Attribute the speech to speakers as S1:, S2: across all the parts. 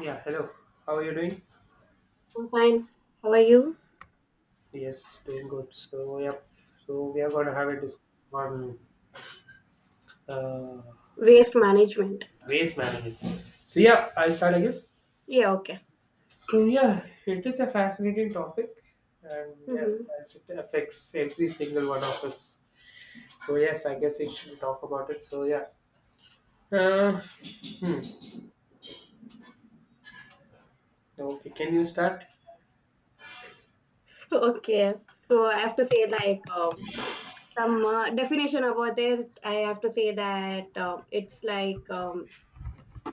S1: Yeah, hello. How are you doing?
S2: Hossein, how are you?
S1: Yes, doing good. So, yep. So, we are going to have a discussion on uh,
S2: Waste management.
S1: waste management. So, yeah, I'll start, I guess.
S2: Yeah, okay.
S1: So, yeah, it is a fascinating topic, and yeah,
S2: hmm
S1: as it affects every single one of us. So, yes, I guess we should talk about it. So, yeah. Uh, hmm. Okay, can you start?
S2: Okay. So I have to say some definition about this. I have to say that it's like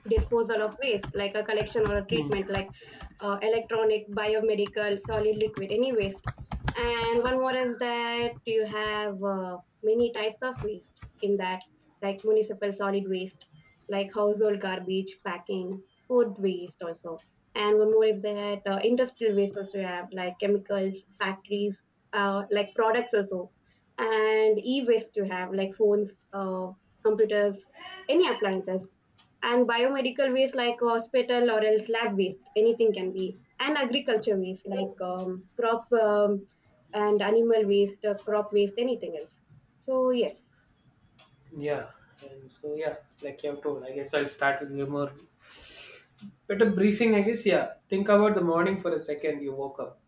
S2: disposal of waste, like a collection or a
S1: Hmm.
S2: treatment, like electronic, biomedical, solid, liquid, any waste. And one more is that you have many types of waste in that, like municipal solid waste, like household garbage, packing, food waste also. And one more is that industrial waste also you have, like chemicals, factories, like products also. And e waste you have, like phones, computers, any appliances and biomedical waste like hospital or else lab waste anything can be and agriculture waste like crop and animal waste crop waste anything else so yes.
S1: Yeah. And so, yeah, like you have told, I guess I'll start with your more better briefing, I guess, yeah. Think about the morning for a second you woke up.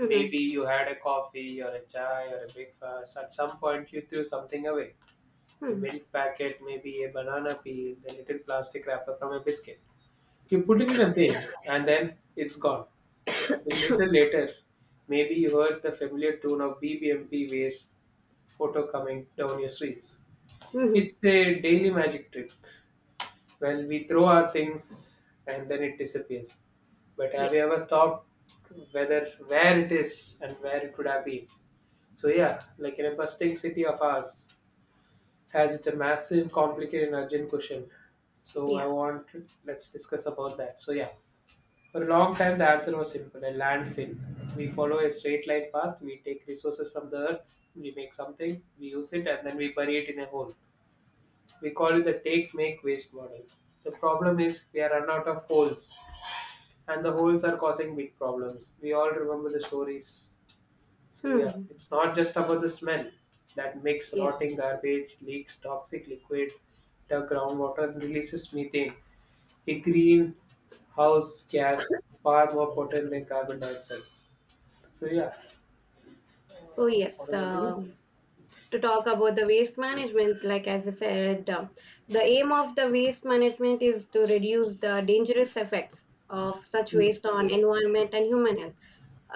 S1: Maybe you had a coffee or a chai or a breakfast. At some point, you threw something away, a
S2: hmm
S1: milk packet, maybe a banana peel, the little plastic wrapper from a biscuit. You put it in a bin and then it's gone. A little later, maybe you heard the familiar tune of BBMP waste photo coming down your streets.
S2: hmm
S1: It's a daily magic trick. Well, we throw our things and then it disappears. But
S2: yeah.
S1: have you ever thought whether where it is and where it could have been? So yeah, like in a bustling city of ours, as it's a massive, complicated, and urgent question. So I
S2: Yeah.
S1: want, let's discuss about that. So yeah, for a long time the answer was simple: a landfill. We follow a straight line path. We take resources from the earth. We make something, we use it, and then we bury it in a hole. We call it the take, make, waste model. The problem is we are run out of holes, and the holes are causing big problems. We all remember the stories. So yeah,
S2: hmm
S1: it's not just about the smell that makes
S2: yeah.
S1: rotting garbage, leaks toxic liquid to groundwater, and releases methane, a greenhouse gas far more potent than carbon dioxide. So yeah,
S2: so yes
S1: what am I.
S2: um to talk about the waste management like as I said, the aim of the waste management is to reduce the dangerous effects of such
S1: Mhm.
S2: waste on environment and human health.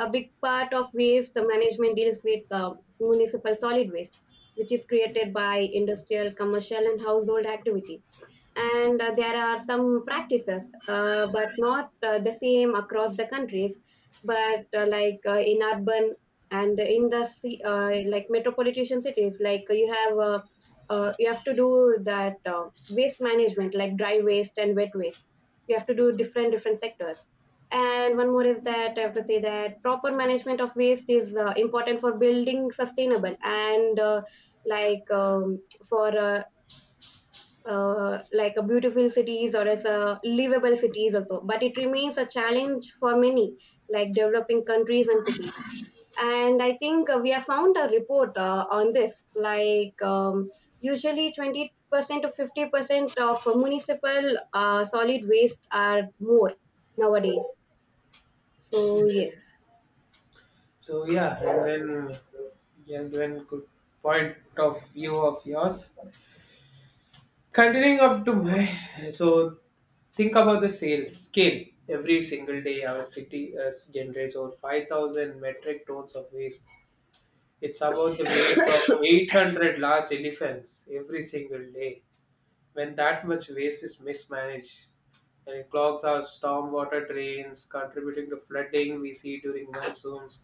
S2: A big part of waste management deals with municipal solid waste, which is created by industrial, commercial, and household activity. And there are some practices, but not the same across the countries. But in urban and in the like metropolitan cities, like you have to do that waste management, like dry waste and wet waste. You have to do different different sectors. And one more is that I have to say that proper management of waste is important for building sustainable and like um, for uh, like a beautiful cities or as a livable cities also. But it remains a challenge for many like developing countries and cities. And I think we have found a report on this like usually 20% to 50% of municipal solid waste are more nowadays, so yes.
S1: So yeah, and then yeah, given good point of view of yours. Continuing up to my, so think about the sales scale. Every single day, our city generates over 5,000 metric tons of waste. It's about the weight of 800 large elephants every single day. When that much waste is mismanaged, and it clogs our stormwater drains, contributing to flooding we see during monsoons,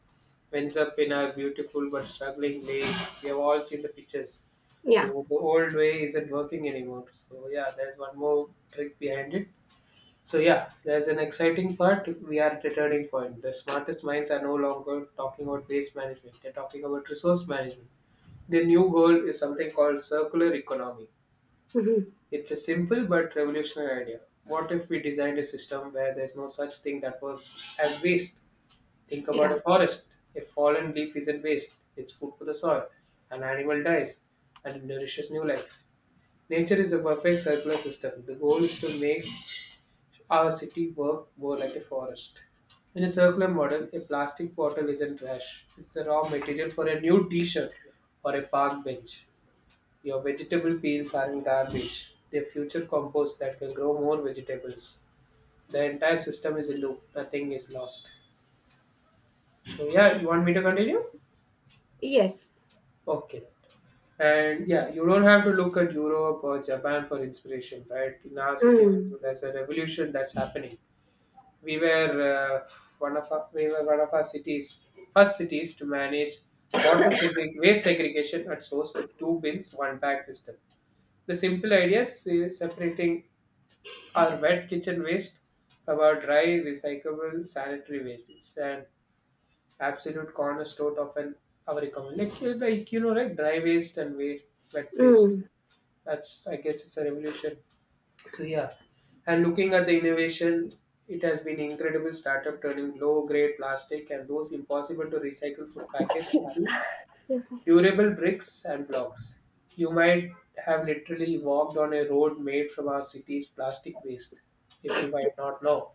S1: ends up in our beautiful but struggling lakes. We have all seen the pictures.
S2: Yeah.
S1: So the old way isn't working anymore. So yeah, there's one more trick behind it. So yeah, there's an exciting part. We are at a turning point. The smartest minds are no longer talking about waste management. They're talking about resource management. The new goal is something called circular economy.
S2: Mhm.
S1: It's a simple but revolutionary idea. What if we designed a system where there's no such thing that was as waste? Think about a
S2: Yeah.
S1: forest. A fallen leaf isn't waste. It's food for the soil. An animal dies and it nourishes new life. Nature is the perfect circular system. The goal is to make our city worked more like a forest. In a circular model, a plastic bottle isn't trash. It's a raw material for a new t-shirt or a park bench. Your vegetable peels aren't garbage. They're future compost that will grow more vegetables. The entire system is a loop. Nothing is lost. So yeah, you want me to continue?
S2: Yes.
S1: Okay. And yeah, you don't have to look at Europe or Japan for inspiration, right? In our city also,
S2: Mm.
S1: there's a revolution that's happening. We were uh, one of our cities first cities to manage waste segregation at source with two bins one bag system. The simple idea is separating our wet kitchen waste from our dry recyclable sanitary waste. It's an absolute cornerstone of an our economy, like, like right, dry waste and wet waste.
S2: Mm.
S1: That's, I guess, it's a revolution. So yeah, and looking at the innovation, it has been incredible startup turning low-grade plastic and those impossible to recycle food packets into durable bricks and blocks. You might have literally walked on a road made from our city's plastic waste, if you might not know.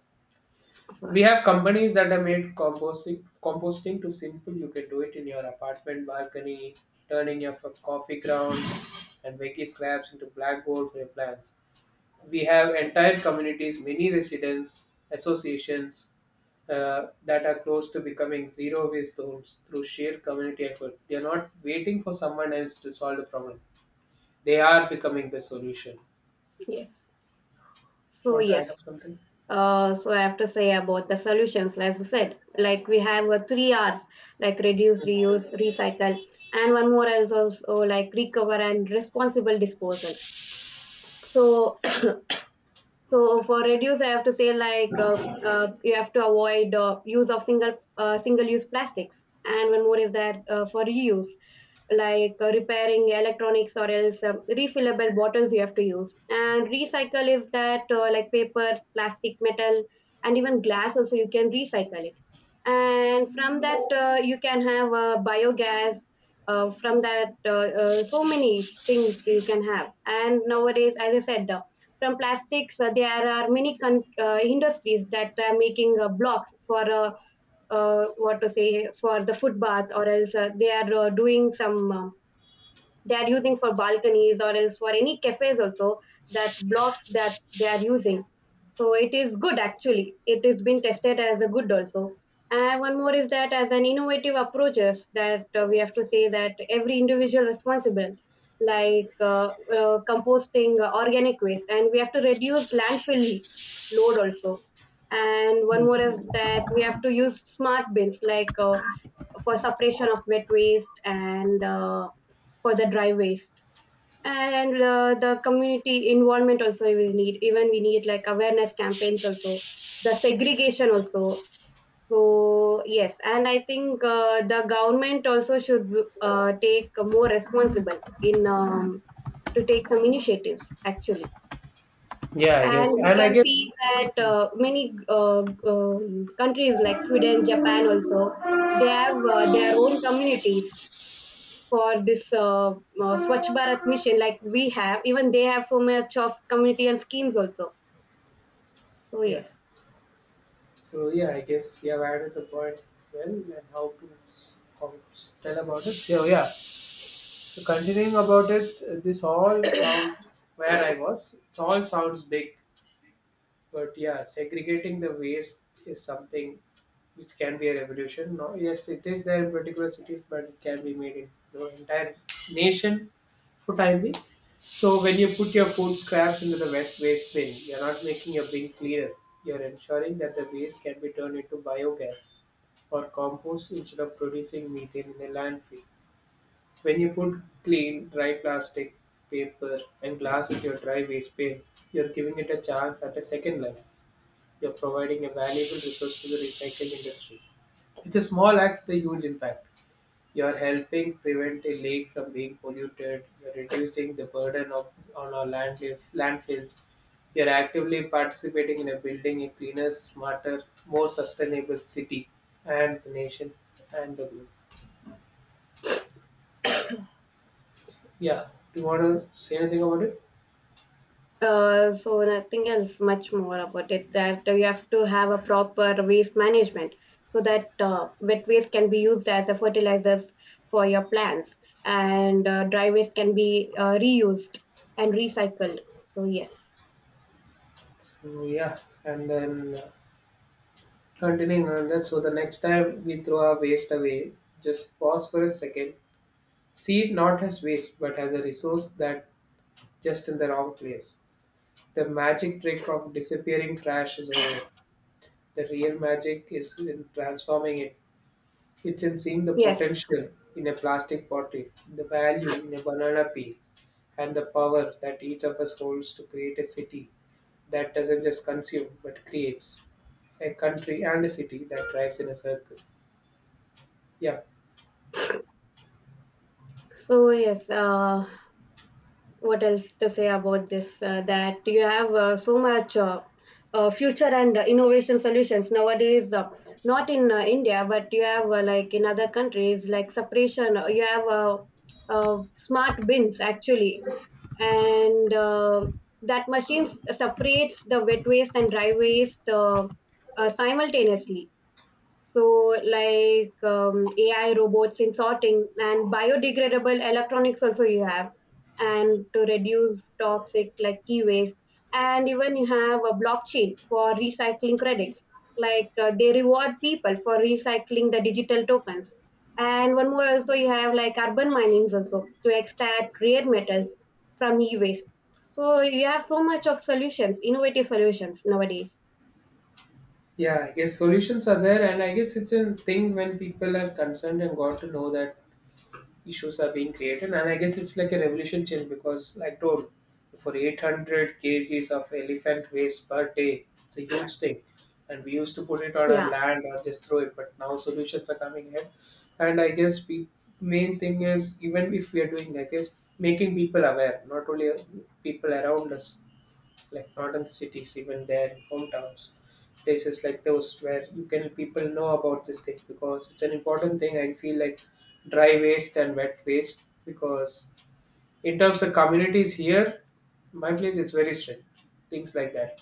S1: We have companies that have made composting too simple. You can do it in your apartment balcony, turning your coffee grounds and veggie scraps into blackboard for your plants. We have entire communities, many residents, associations, that are close to becoming zero waste zones through sheer community effort. They are not waiting for someone else to solve the problem. They are becoming the solution.
S2: Yes. So
S1: Want to
S2: yes.
S1: add up something?
S2: So I have to say about the solutions, like I said, like we have three R's, like reduce, reuse, recycle, and one more is also like recover and responsible disposal. So So for reduce, I have to say like you have to avoid use of single use plastics, and one more is that for reuse, like repairing electronics or else refillable bottles you have to use. And recycle is that like paper, plastic, metal, and even glass also you can recycle it. And from that you can have biogas. From that, so many things you can have. And nowadays, as I said, from plastics there are many industries that are making blocks for what to say for the foot bath or else they are doing some they are using for balconies or else for any cafes also, that blocks that they are using, so it is good actually, it has been tested as a good also. And one more is that as an innovative approaches that we have to say that every individual responsible like composting organic waste, and we have to reduce landfill load also. And one more is that we have to use smart bins like for separation of wet waste and for the dry waste. And the community involvement also we will need, even we need like awareness campaigns also, the segregation also. So yes, and I think the government also should take more responsible in to take some initiatives actually.
S1: Yeah, I
S2: And
S1: guess.
S2: we
S1: And I
S2: can
S1: guess.
S2: see that many countries like Sweden, Japan also, they have their own communities for this Swachh Bharat mission, like we have, even they have so much of community and schemes also. So
S1: Yeah.
S2: yes.
S1: So yeah, I guess you have added the point well and how to how to tell about it. So yeah. So continuing about it, this all sounds, where I was, it all sounds big. But yeah, segregating the waste is something which can be a revolution. No, yes, it is there in particular cities, but it can be made in the entire nation for time being. So when you put your food scraps into the wet waste bin, you're not making a bin cleaner. You're ensuring that the waste can be turned into biogas or compost instead of producing methane in a landfill. When you put clean, dry plastic, paper, and glass into your dry waste bin, you're giving it a chance at a second life. You're providing a valuable resource to the recycling industry. With a small act, the huge impact. You're helping prevent a lake from being polluted. You're reducing the burden of on our land landfills. You're actively participating in a building a cleaner, smarter, more sustainable city and the nation and the globe. Yeah. Do you want to say anything about it?
S2: So nothing else much more about it. That you have to have a proper waste management, so that wet waste can be used as a fertilizers for your plants, and dry waste can be reused and recycled. So yes.
S1: So, yeah, and then continuing on that. So the next time we throw our waste away, just pause for a second, see it not as waste, but as a resource that just in the wrong place. The magic trick of disappearing trash is over. The real magic is in transforming it. It's in seeing the
S2: Yes.
S1: potential in a plastic bottle, the value in a banana peel, and the power that each of us holds to create a city that doesn't just consume but creates, a country and a city that drives in a circle. Yeah.
S2: So yes. What else to say about this that you have so much future and innovation solutions nowadays, not in india but you have like in other countries like separation you have smart bins actually. And that machines separates the wet waste and dry waste simultaneously. So, like AI robots in sorting and biodegradable electronics, also you have, and to reduce toxic like e waste. And even you have a blockchain for recycling credits, like they reward people for recycling the digital tokens. And one more, also you have like urban minings also to extract rare metals from e waste. So, you have so much of solutions, innovative solutions nowadays.
S1: Yeah, I guess solutions are there, and I guess it's a thing when people are concerned and got to know that issues are being created, and I guess it's like a revolution change, because like told, for 800 kgs of elephant waste per day, it's a huge thing. And we used to put it on our
S2: Yeah.
S1: land or just throw it, but now solutions are coming in. And I guess the main thing is even if we are doing that is making people aware, not only people around us, like northern cities, even their hometowns, places like those where you can people know about this thing, because it's an important thing. I feel like dry waste and wet waste, because in terms of communities here, my place is very strict, things like that.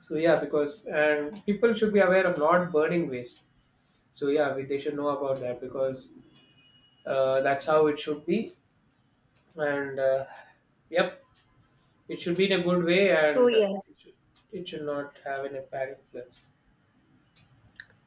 S1: So yeah, because and people should be aware of not burning waste. So yeah, they should know about that because that's how it should be. And yep, it should be in a good way
S2: So,
S1: and it
S2: yes.
S1: should, it should not have any bad influence.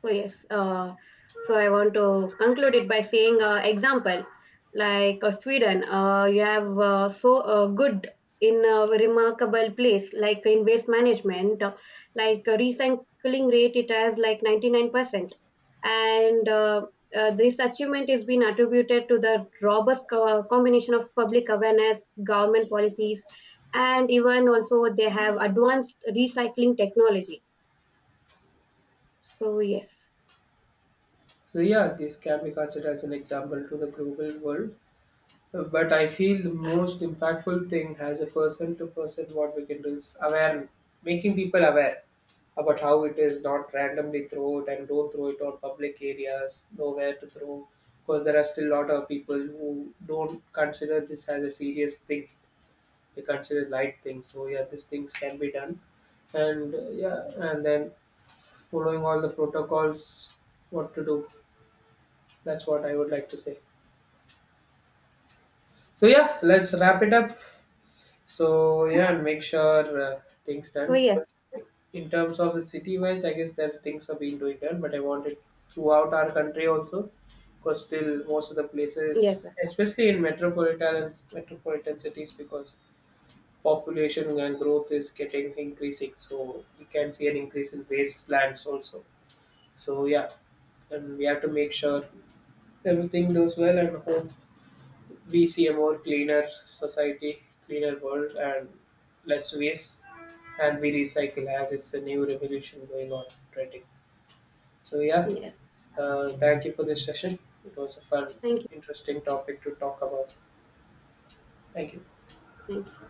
S2: So yes, so I want to conclude it by saying example like Sweden, you have good in a remarkable place like in waste management, recycling rate it has like 99%, and this achievement is being attributed to the robust combination of public awareness, government policies, and even also they have advanced recycling technologies. So yes.
S1: So yeah, this can be considered as an example to the global world. But I feel the most impactful thing as a person to person what we can do is awareness, making people aware about how it is not randomly throw it and don't throw it on public areas, know where to throw, because there are still a lot of people who don't consider this as a serious thing. They consider light things. So yeah, these things can be done, and yeah, and then following all the protocols, what to do. That's what I would like to say. So yeah, let's wrap it up. So yeah, and make sure things
S2: So
S1: done.
S2: yes.
S1: In terms of the city wise, I guess that things are being doing done, but I want it throughout our country also, because still most of the
S2: Yes, sir.
S1: places, especially in metropolitan cities, because population and growth is getting increasing, so we can see an increase in wastelands also. So yeah, and we have to make sure everything goes well and hope we see a more cleaner society, cleaner world, and less waste, and we recycle, as it's a new revolution going on trending. So yeah,
S2: Yes.
S1: thank you for this session. It was a fun,
S2: Thank you.
S1: interesting topic to talk about. Thank you.
S2: Thank you.